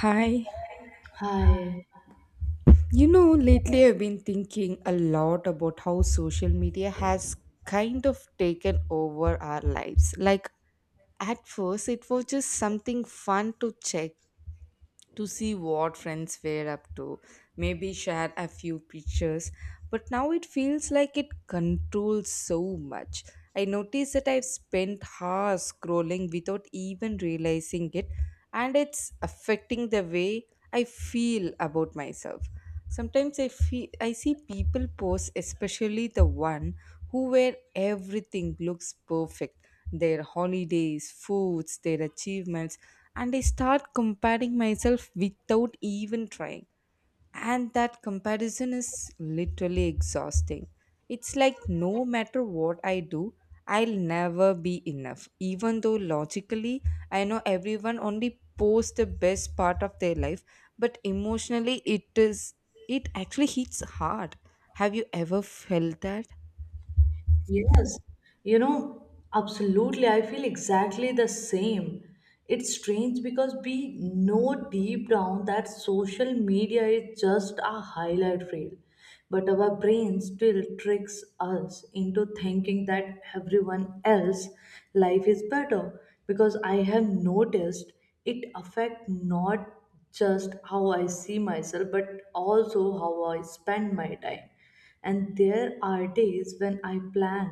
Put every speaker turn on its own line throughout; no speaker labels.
Hi.
Hi.
You know, lately I've been thinking a lot about how social media has kind of taken over our lives. Like, at first, it was just something fun to check to see what friends were up to, maybe share a few pictures. But now it feels like it controls so much. I notice that I've spent hours scrolling without even realizing it, and it's affecting the way I feel about myself. Sometimes I feel I see people post, especially the one who where everything looks perfect, their holidays, foods, their achievements and I start comparing myself without even trying. And that comparison is literally exhausting. It's like no matter what I do, I'll never be enough, even though logically I know everyone only posts the best part of their life, but emotionally it actually hits hard. Have you ever felt that?
Yes. You know, absolutely. I feel exactly the same. It's strange because we know deep down that social media is just a highlight reel, but our brain still tricks us into thinking that everyone else life is better because I have noticed it affect not just how I see myself but also how I spend my time. And there are days when I plan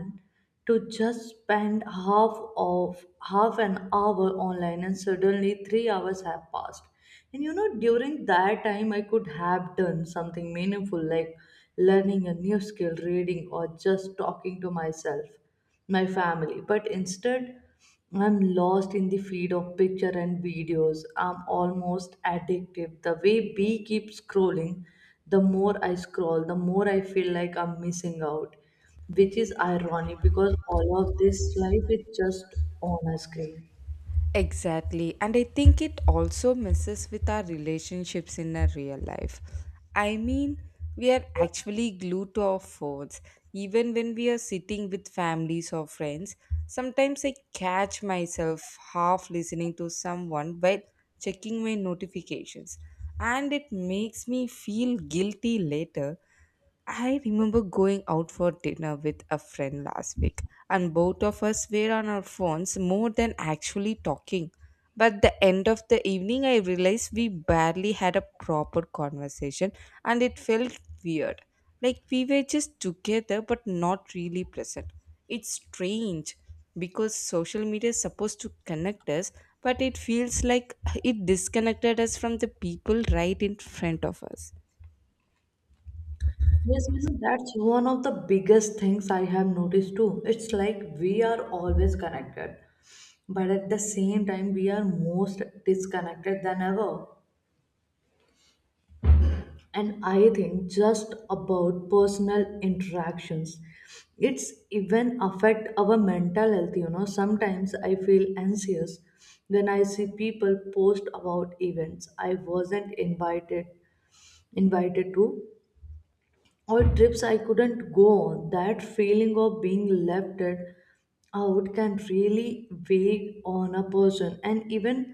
to just spend of half an hour online and suddenly 3 hours have passed. And you know, during that time I could have done something meaningful like learning a new skill, reading, or just talking to myself, my family, but instead I'm lost in the feed of picture and videos. I'm almost addictive. The way B keeps scrolling, the more I scroll, the more I feel like I'm missing out, which is ironic because all of this life is just on a screen.
Exactly. And I think it also messes with our relationships in a real life. I mean, we are actually glued to our phones. Even when we are sitting with families or friends, sometimes I catch myself half listening to someone while checking my notifications. And it makes me feel guilty later. I remember going out for dinner with a friend last week, and both of us were on our phones more than actually talking. But the end of the evening, I realized we barely had a proper conversation, and it felt weird. Like we were just together but not really present. It's strange because social media is supposed to connect us, but it feels like it disconnected us from the people right in front of us.
Yes, you know, that's one of the biggest things I have noticed too. It's like we are always connected, but at the same time, we are most disconnected than ever. And I think just about personal interactions, it's even affect our mental health. You know, sometimes I feel anxious when I see people post about events I wasn't invited to, or trips I couldn't go on. That feeling of being left it out can really weigh on a person. And even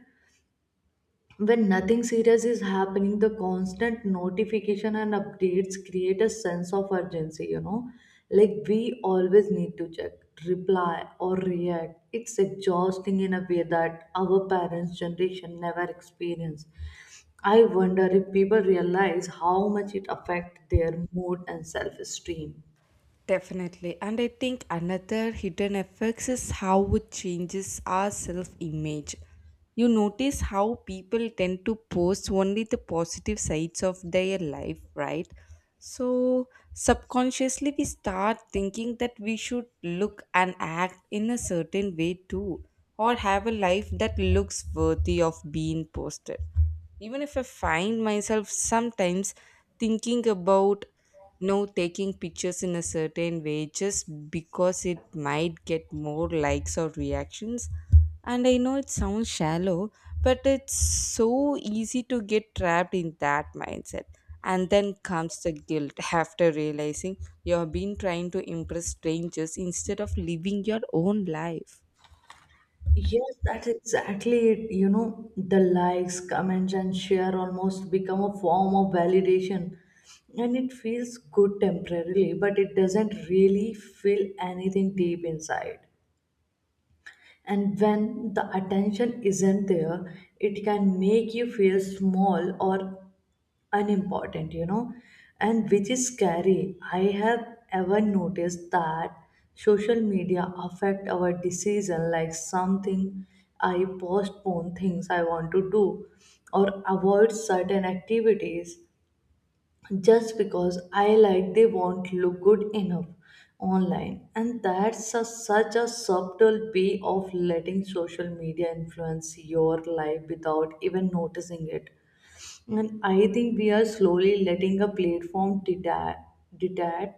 when nothing serious is happening, the constant notification and updates create a sense of urgency, you know, like we always need to check, reply, or react. It's exhausting in a way that our parents generation never experienced. I wonder if people realize how much it affects their mood and self esteem.
Definitely. And I think another hidden effects is how it changes our self image. You notice how people tend to post only the positive sides of their life, right? So, subconsciously, we start thinking that we should look and act in a certain way too, or have a life that looks worthy of being posted. Even if I find myself sometimes thinking about no taking pictures in a certain way just because it might get more likes or reactions. And I know it sounds shallow, but it's so easy to get trapped in that mindset. And then comes the guilt after realizing you have been trying to impress strangers instead of living your own life.
Yes, that's exactly it. You know, the likes, comments, and share almost become a form of validation. And it feels good temporarily, but it doesn't really feel anything deep inside. And when the attention isn't there, it can make you feel small or unimportant, you know, and which is scary. I have ever noticed that social media affect our decision like something. I postpone things I want to do or avoid certain activities just because I like they won't look good enough online. And that's a, such a subtle way of letting social media influence your life without even noticing it. And I think we are slowly letting a platform dictate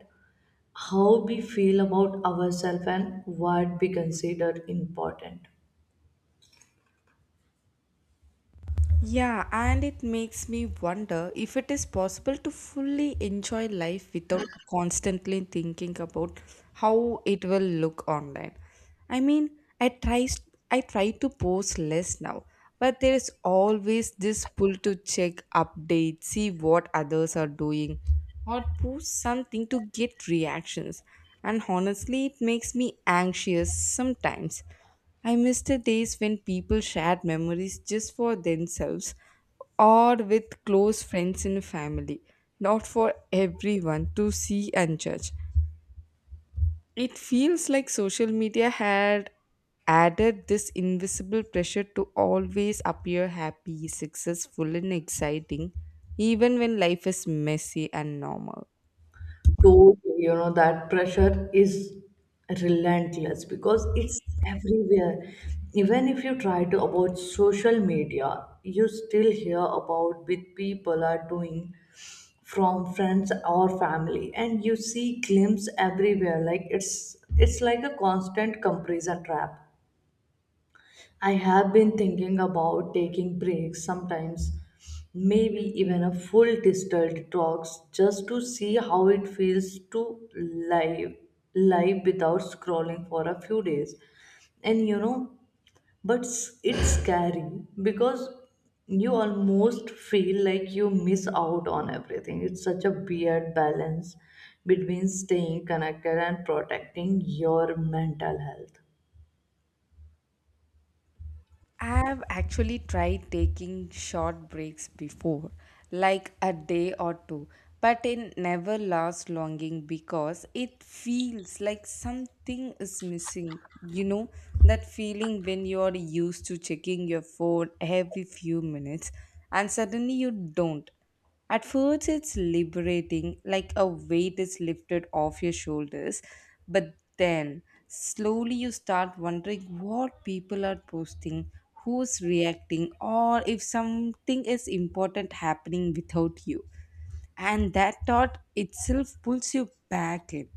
how we feel about ourselves and what we consider important.
Yeah, and it makes me wonder if it is possible to fully enjoy life without constantly thinking about how it will look online. I mean, I try I try to post less now, but there is always this pull to check updates, see what others are doing, or post something to get reactions. And honestly, it makes me anxious sometimes. I miss the days when people shared memories just for themselves or with close friends and family, not for everyone to see and judge. It feels like social media had added this invisible pressure to always appear happy, successful, and exciting, even when life is messy and normal.
To, you know, that pressure is relentless because it's everywhere. Even if you try to avoid social media, you still hear about what people are doing from friends or family, and you see glimpse everywhere. Like it's like a constant comparison trap. I have been thinking about taking breaks sometimes, maybe even a full distilled talks, just to see how it feels to live without scrolling for a few days. And you know, it's scary because you almost feel like you miss out on everything. It's such a weird balance between staying connected and protecting your mental health.
I've actually tried taking short breaks before, like a day or two, but it never lasts longing because it feels like something is missing. You know, that feeling when you're used to checking your phone every few minutes and suddenly you don't. At first, it's liberating, like a weight is lifted off your shoulders. But then, slowly, you start wondering what people are posting, who's reacting, or if something is important happening without you. And that thought itself pulls you back in.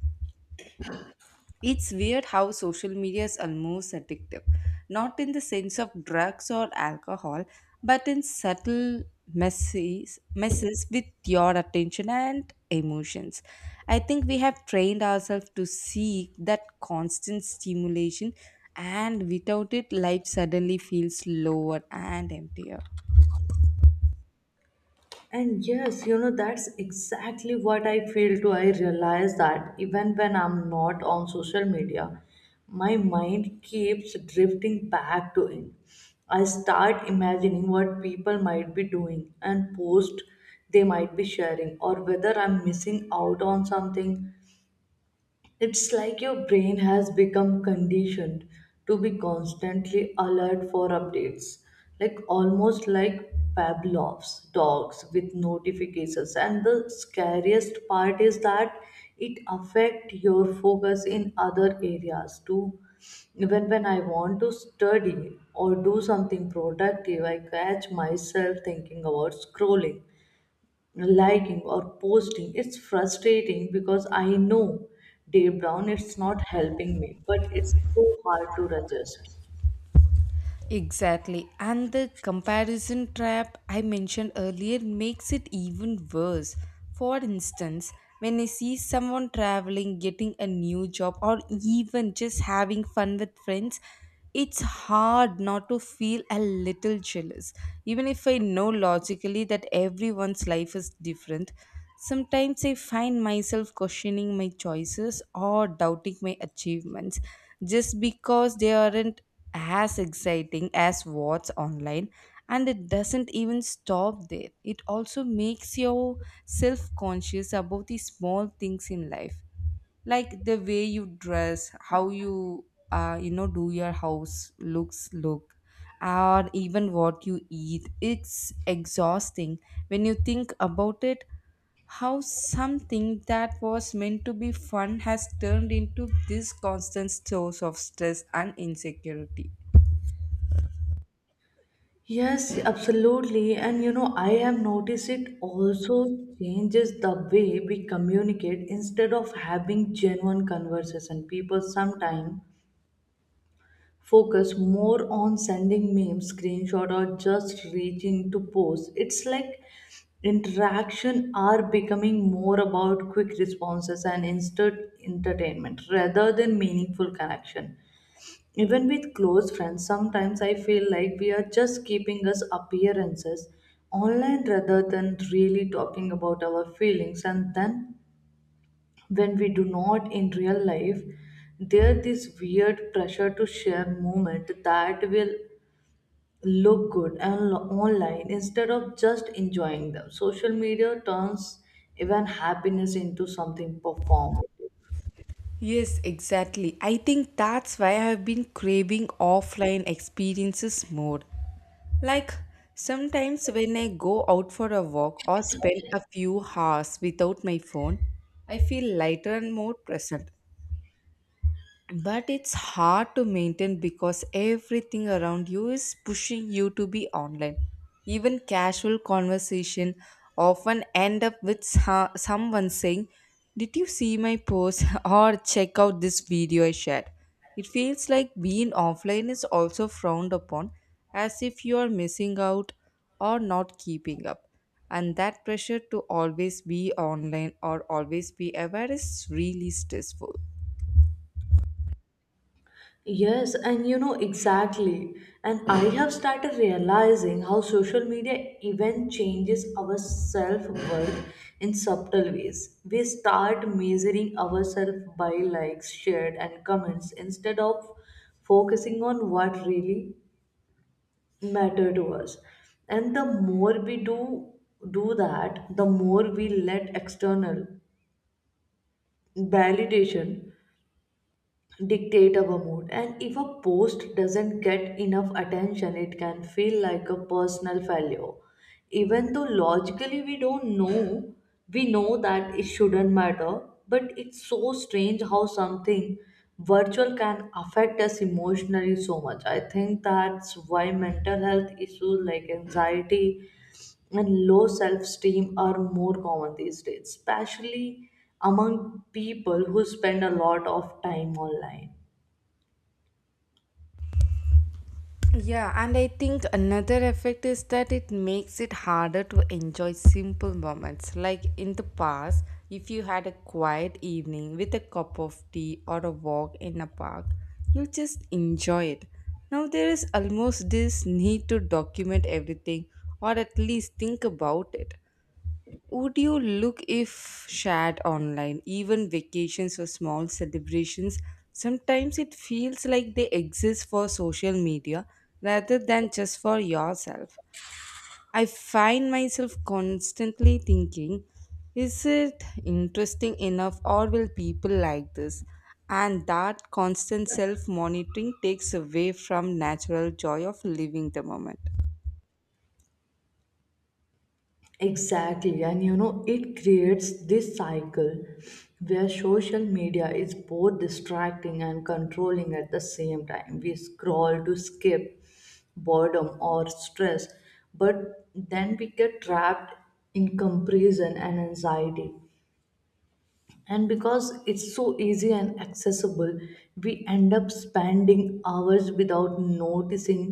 It's weird how social media is almost addictive, not in the sense of drugs or alcohol, but in subtle messes with your attention and emotions. I think we have trained ourselves to seek that constant stimulation, and without it, life suddenly feels lower and emptier.
And yes, you know, that's exactly what I feel too. I realize that even when I'm not on social media, my mind keeps drifting back to it. I start imagining what people might be doing and post they might be sharing, or whether I'm missing out on something. It's like your brain has become conditioned to be constantly alert for updates, like almost like Pavlov's dogs with notifications. And the scariest part is that it affects your focus in other areas too. Even when I want to study or do something productive, I catch myself thinking about scrolling, liking, or posting. It's frustrating because I know deep down it's not helping me, but it's so hard to adjust.
Exactly. And the comparison trap I mentioned earlier makes it even worse. For instance, when I see someone traveling, getting a new job, or even just having fun with friends, it's hard not to feel a little jealous. Even if I know logically that everyone's life is different, sometimes I find myself questioning my choices or doubting my achievements just because they aren't as exciting as what's online and it doesn't even stop there. It also makes you self conscious about the small things in life like the way you dress, how you you know do your house look, or even what you eat. It's exhausting when you think about it how something that was meant to be fun has turned into this constant source of stress and insecurity.
Yes, absolutely. And you know, I have noticed it also changes the way we communicate. Instead of having genuine conversation, people sometimes focus more on sending memes, screenshot, or just reaching to post. It's like interaction are becoming more about quick responses and instant entertainment rather than meaningful connection. Even with close friends, sometimes I feel like we are just keeping us appearances online rather than really talking about our feelings. And then when we do not in real life, there this weird pressure to share moment that will look good and online instead of just enjoying them. Social media turns even happiness into something performed.
Yes, exactly. I think that's why I've been craving offline experiences more. Like sometimes when I go out for a walk or spend a few hours without my phone, I feel lighter and more present. But it's hard to maintain because everything around you is pushing you to be online. Even casual conversation often end up with someone saying, "Did you see my post or check out this video I shared?" It feels like being offline is also frowned upon as if you are missing out or not keeping up. And that pressure to always be online or always be aware is really stressful.
Yes, and you know exactly. And I have started realizing how social media even changes our self worth in subtle ways. We start measuring ourselves by likes, shared, and comments instead of focusing on what really matter to us. And the more we do that, the more we let external validation dictate our mood. And if a post doesn't get enough attention, it can feel like a personal failure, even though logically we know that it shouldn't matter. But it's so strange how something virtual can affect us emotionally so much. I think that's why mental health issues like anxiety and low self esteem are more common these days, especially among people who spend a lot of time online.
Yeah, and I think another effect is that it makes it harder to enjoy simple moments. Like in the past, if you had a quiet evening with a cup of tea or a walk in a park, you just enjoy it. Now there is almost this need to document everything or at least think about it. Would you look if shared online, even vacations or small celebrations? Sometimes it feels like they exist for social media rather than just for yourself. I find myself constantly thinking, is it interesting enough or will people like this? And that constant self monitoring takes away from natural joy of living the moment.
Exactly, and you know, it creates this cycle where social media is both distracting and controlling at the same time. We scroll to skip boredom or stress, but then we get trapped in comparison and anxiety. And because it's so easy and accessible, we end up spending hours without noticing,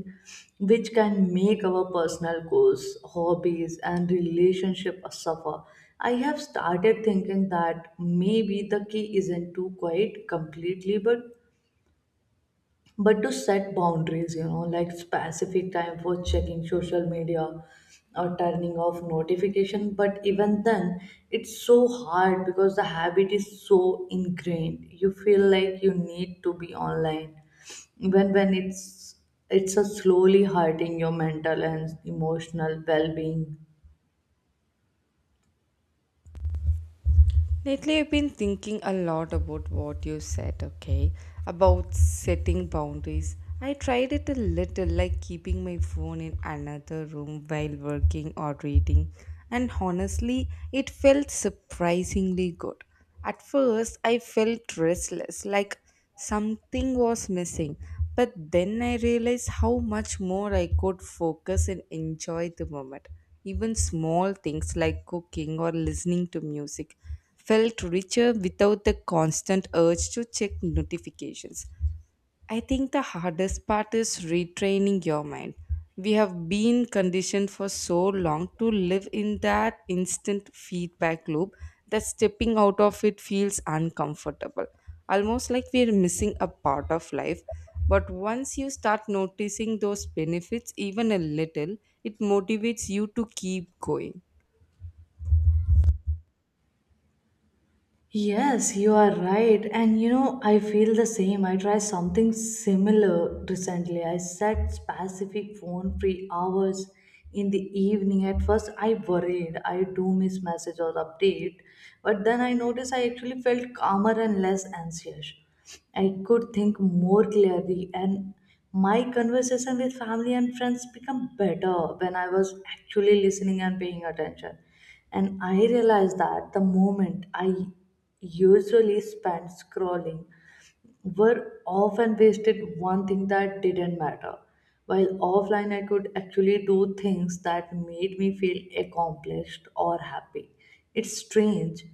which can make our personal goals, hobbies, and relationship suffer. I have started thinking that maybe the key isn't to quit completely, but to set boundaries, you know, like specific time for checking social media or turning off notification. But even then, it's so hard because the habit is so ingrained. You feel like you need to be online even when it's a slowly hurting your mental and emotional well-being.
Lately, I've been thinking a lot about what you said, okay? About setting boundaries. I tried it a little, like keeping my phone in another room while working or reading, and honestly, it felt surprisingly good. At first, I felt restless, like something was missing. But then I realized how much more I could focus and enjoy the moment. Even small things like cooking or listening to music felt richer without the constant urge to check notifications. I think the hardest part is retraining your mind. We have been conditioned for so long to live in that instant feedback loop that stepping out of it feels uncomfortable. Almost like we're missing a part of life. But once you start noticing those benefits, even a little, it motivates you to keep going.
Yes, you are right. And you know, I feel the same. I tried something similar recently. I set specific phone free hours in the evening. At first, I worried I do miss message or update, but then I noticed I actually felt calmer and less anxious. I could think more clearly, and my conversation with family and friends become better when I was actually listening and paying attention. And I realized that the moment I usually spent scrolling were often wasted one thing that didn't matter. While offline, I could actually do things that made me feel accomplished or happy. It's strange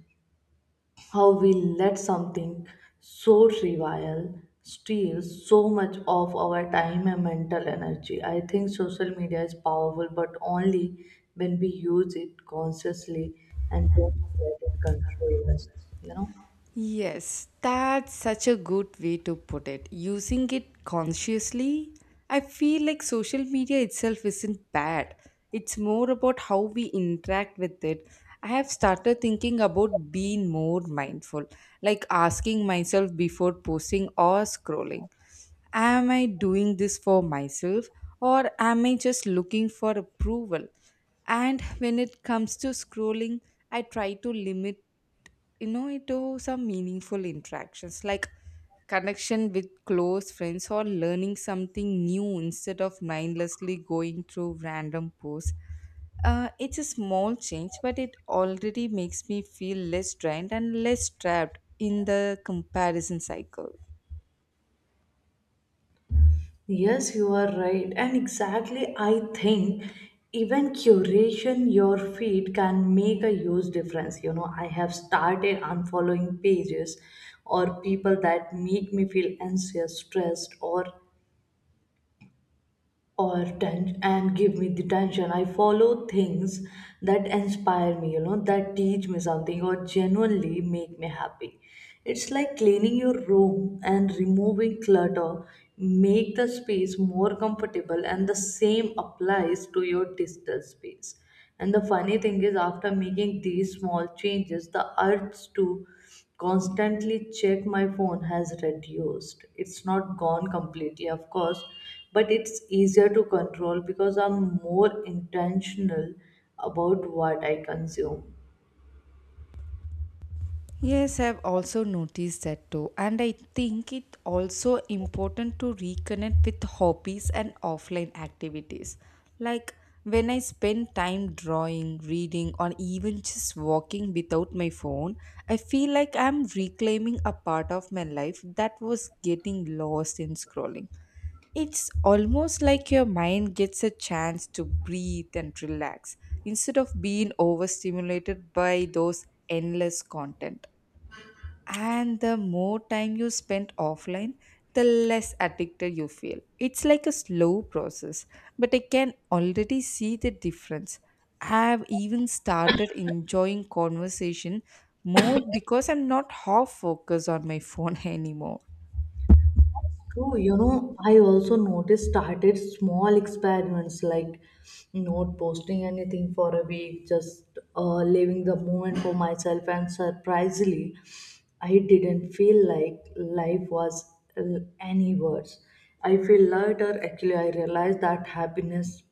how we let something so trivial steal so much of our time and mental energy. I think social media is powerful, but only when we use it consciously and don't let it control us, you know.
Yes, that's such a good way to put it. Using it consciously, I feel like social media itself isn't bad. It's more about how we interact with it. I have started thinking about being more mindful, like asking myself before posting or scrolling, am I doing this for myself or am I just looking for approval? And when it comes to scrolling, I try to limit into some meaningful interactions like connection with close friends or learning something new instead of mindlessly going through random posts. It's a small change but it already makes me feel less drained and less trapped in the comparison cycle.
Yes, you are right. And exactly, I think even curation your feed can make a huge difference. You know, I have started unfollowing pages or people that make me feel anxious, stressed, or and give me the tension. I follow things that inspire me, you know, that teach me something or genuinely make me happy. It's like cleaning your room and removing clutter make the space more comfortable, and the same applies to your digital space. And the funny thing is, after making these small changes, the urge to constantly check my phone has reduced. It's not gone completely, of course, but it's easier to control because I'm more intentional about what I consume.
Yes, I've also noticed that too, and I think it also important to reconnect with hobbies and offline activities. Like when I spend time drawing, reading, or even just walking without my phone, I feel like I'm reclaiming a part of my life that was getting lost in scrolling. It's almost like your mind gets a chance to breathe and relax instead of being overstimulated by those endless content. And the more time you spend offline, the less addicted you feel. It's like a slow process, but I can already see the difference. I've even started enjoying conversation more because I'm not half focused on my phone anymore.
True, you know, I also noticed started small experiments like not posting anything for a week, just living the moment for myself. And surprisingly, I didn't feel like life was any worse. I feel lighter. Actually, I realized that happiness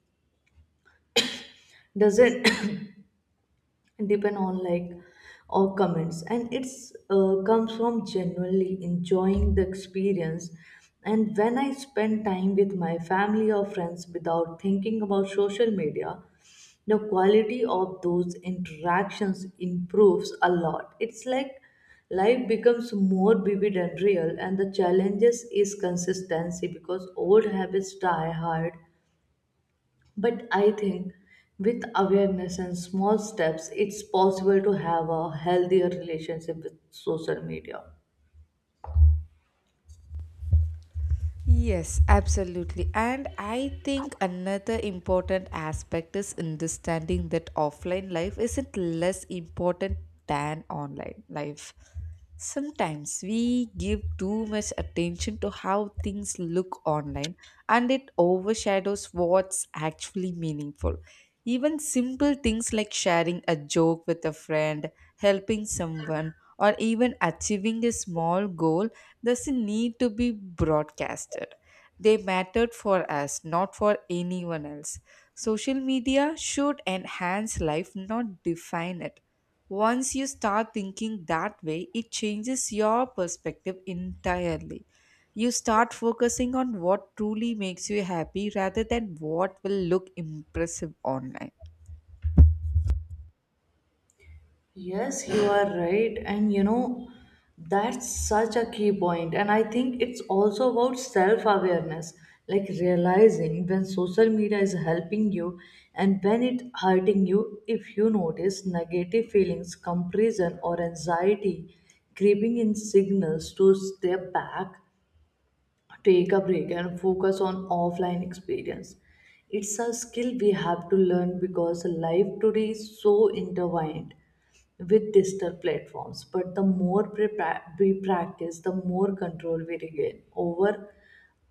doesn't depend on like or comments, and it's, comes from genuinely enjoying the experience. And when I spend time with my family or friends without thinking about social media, the quality of those interactions improves a lot. It's like life becomes more vivid and real. And the challenges is consistency because old habits die hard, but I think with awareness and small steps, it's possible to have a healthier relationship with social media.
Yes, absolutely. And I think another important aspect is understanding that offline life isn't less important than online life. Sometimes we give too much attention to how things look online and it overshadows what's actually meaningful. Even simple things like sharing a joke with a friend, helping someone, or even achieving a small goal doesn't need to be broadcasted. They mattered for us, not for anyone else. Social media should enhance life, not define it. Once you start thinking that way, it changes your perspective entirely. You start focusing on what truly makes you happy rather than what will look impressive online.
Yes, you are right. And you know, that's such a key point. And I think it's also about self awareness, like realizing when social media is helping you and when it hurting you. If you notice negative feelings, comparison, or anxiety creeping in signals to step back, take a break, and focus on offline experience. It's a skill we have to learn because life today is so intertwined with digital platforms. But the more we practice, the more control we regain over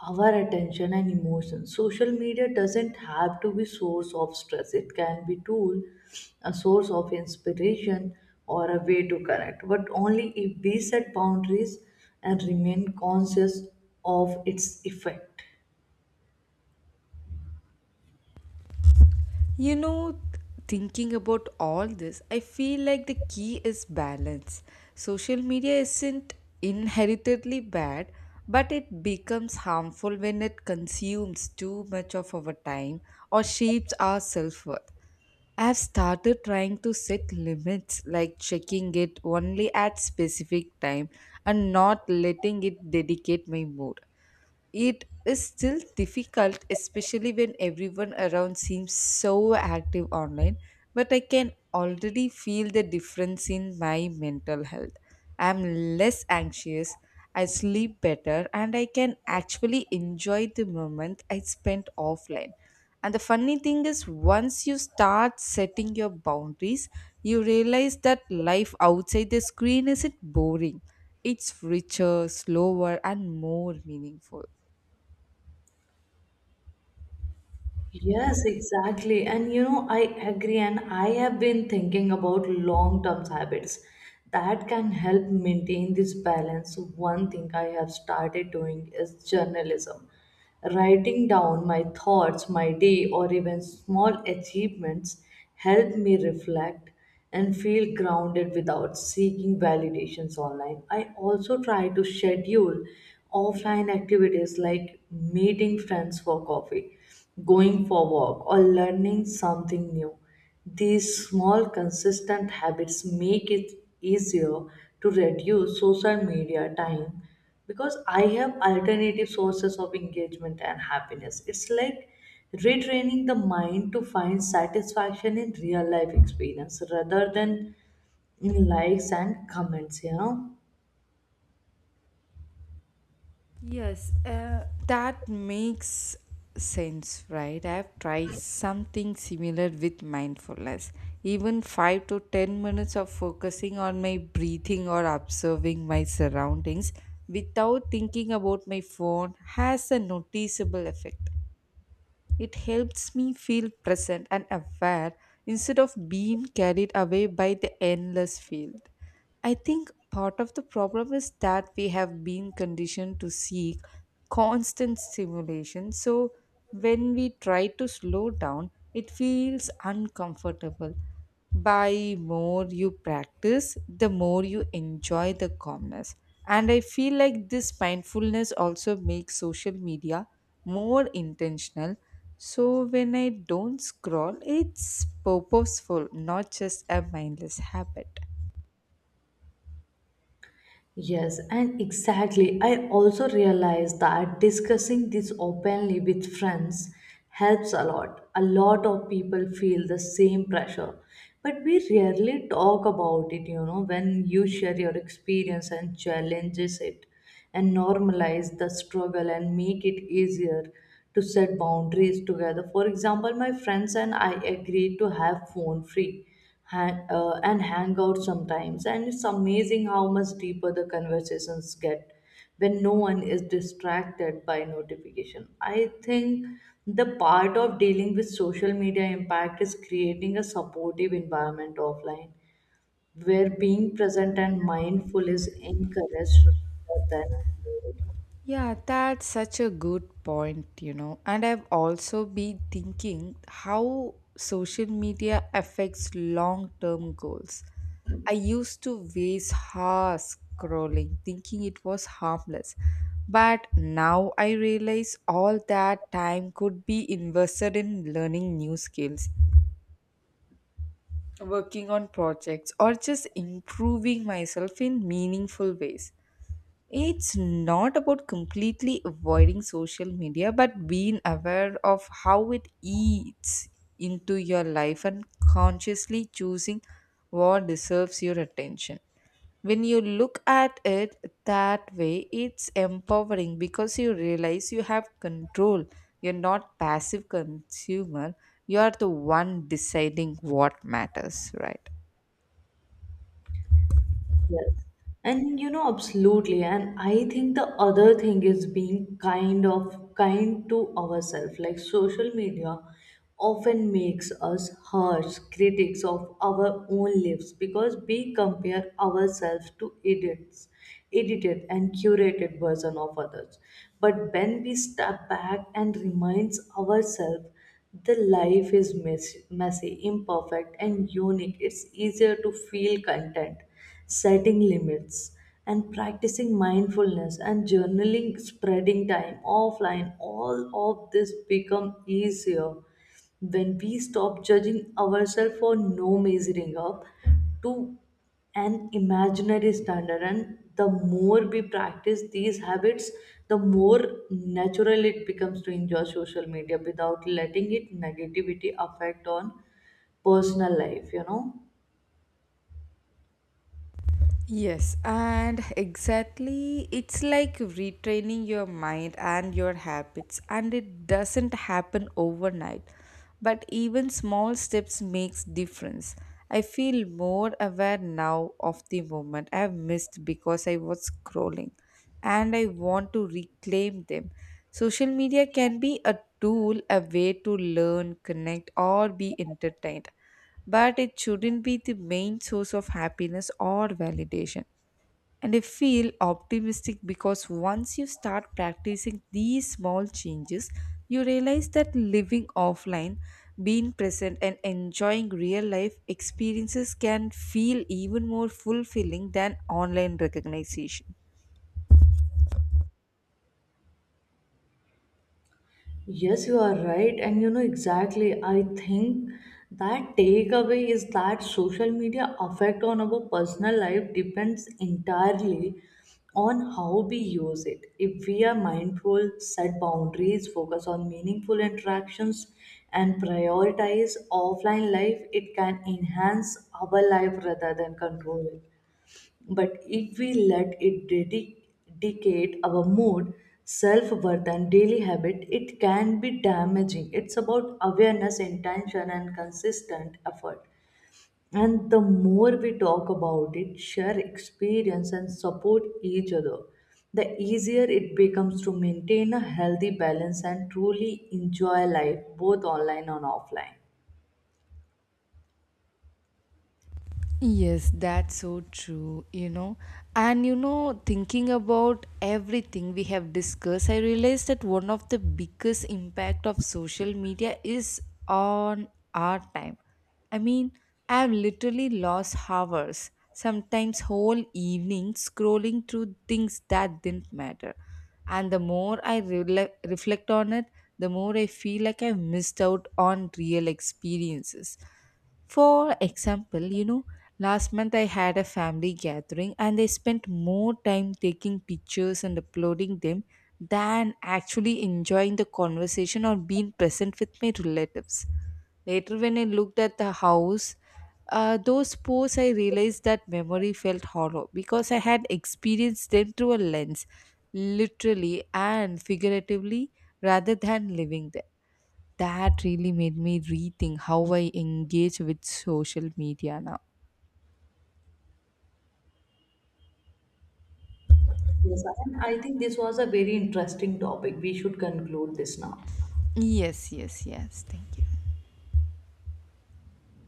our attention and emotion. Social media doesn't have to be source of stress. It can be tool, a source of inspiration, or a way to connect, but only if we set boundaries and remain conscious of its effect.
You know, thinking about all this, I feel like the key is balance. Social media isn't inheritedly bad, but it becomes harmful when it consumes too much of our time or shapes our self worth. I have started trying to set limits, like checking it only at specific time and not letting it dedicate my mood. It is still difficult, especially when everyone around seems so active online, but I can already feel the difference in my mental health. I'm less anxious, I sleep better, and I can actually enjoy the moment I spent offline. And the funny thing is, once you start setting your boundaries, you realize that life outside the screen isn't boring. It's richer, slower, and more meaningful.
Yes, exactly. And you know, I agree. And I have been thinking about long term habits that can help maintain this balance. One thing I have started doing is journalism. Writing down my thoughts, my day, or even small achievements help me reflect and feel grounded without seeking validations online. I also try to schedule offline activities like meeting friends for coffee, going for walk, or learning something new. These small, consistent habits make it easier to reduce social media time because I have alternative sources of engagement and happiness. It's like retraining the mind to find satisfaction in real life experience rather than in likes and comments, you know.
Yes, that makes sense, right? I've tried something similar with mindfulness. Even 5 to 10 minutes of focusing on my breathing or observing my surroundings without thinking about my phone has a noticeable effect. It helps me feel present and aware instead of being carried away by the endless field. I think part of the problem is that we have been conditioned to seek constant stimulation. So when we try to slow down, it feels uncomfortable. By more you practice, the more you enjoy the calmness, and I feel like this mindfulness also makes social media more intentional. So when I don't scroll, it's purposeful, not just a mindless habit.
Yes, and exactly. I also realize that discussing this openly with friends helps a lot. A lot of people feel the same pressure, but we rarely talk about it. You know, when you share your experience and challenges it and normalize the struggle and make it easier to set boundaries together. For example, my friends and I agreed to have phone free and hang out sometimes. And it's amazing how much deeper the conversations get when no one is distracted by notification. I think the part of dealing with social media impact is creating a supportive environment offline where being present and mindful is encouraged rather than ignored.
Yeah, that's such a good point, you know. And I've also been thinking how social media affects long term goals. I used to waste hours scrolling, thinking it was harmless. But now I realize all that time could be invested in learning new skills, working on projects, or just improving myself in meaningful ways. It's not about completely avoiding social media, but being aware of how it eats into your life and consciously choosing what deserves your attention. When you look at it that way, it's empowering because you realize you have control. You're not passive consumer. You are the one deciding what matters, right?
Yes. And you know, absolutely. And I think the other thing is being kind to ourselves. Like social media often makes us harsh critics of our own lives because we compare ourselves to idiots, edited and curated version of others. But when we step back and reminds ourselves the life is messy, imperfect, and unique. It's easier to feel content setting limits, and practicing mindfulness and journaling, spreading time offline. All of this become easier when we stop judging ourselves for no measuring up to an imaginary standard. And the more we practice these habits, the more natural it becomes to enjoy social media without letting it negativity affect on personal life, you know.
Yes, and exactly, it's like retraining your mind and your habits, and it doesn't happen overnight. But even small steps makes difference. I feel more aware now of the moment I've missed because I was scrolling, and I want to reclaim them. Social media can be a tool, a way to learn, connect, or be entertained but it shouldn't be the main source of happiness or validation. And I feel optimistic because once you start practicing these small changes, you realize that living offline, being present, and enjoying real life experiences can feel even more fulfilling than online recognition.
Yes, you are right. And you know exactly, I think that takeaway is that social media effect on our personal life depends entirely on how we use it. If we are mindful, set boundaries, focus on meaningful interactions, and prioritize offline life, it can enhance our life rather than control it. But if we let it dictate our mood, self worth, and daily habit, it can be damaging. It's about awareness, intention, and consistent effort. And the more we talk about it, share experience, and support each other, the easier it becomes to maintain a healthy balance and truly enjoy life, both online and offline.
Yes, that's so true, you know. And you know, thinking about everything we have discussed, I realized that one of the biggest impact of social media is on our time. I mean, I have literally lost hours, sometimes whole evenings scrolling through things that didn't matter. And the more I reflect on it, the more I feel like I've missed out on real experiences. For example, you know, last month I had a family gathering and I spent more time taking pictures and uploading them than actually enjoying the conversation or being present with my relatives. Later, when I looked at the house, those posts, I realized that memory felt hollow because I had experienced them through a lens, literally and figuratively, rather than living them. That really made me rethink how I engage with social media now.
Yes, and I think this was a very interesting topic. We should conclude this now.
Yes, yes, yes. Thank you.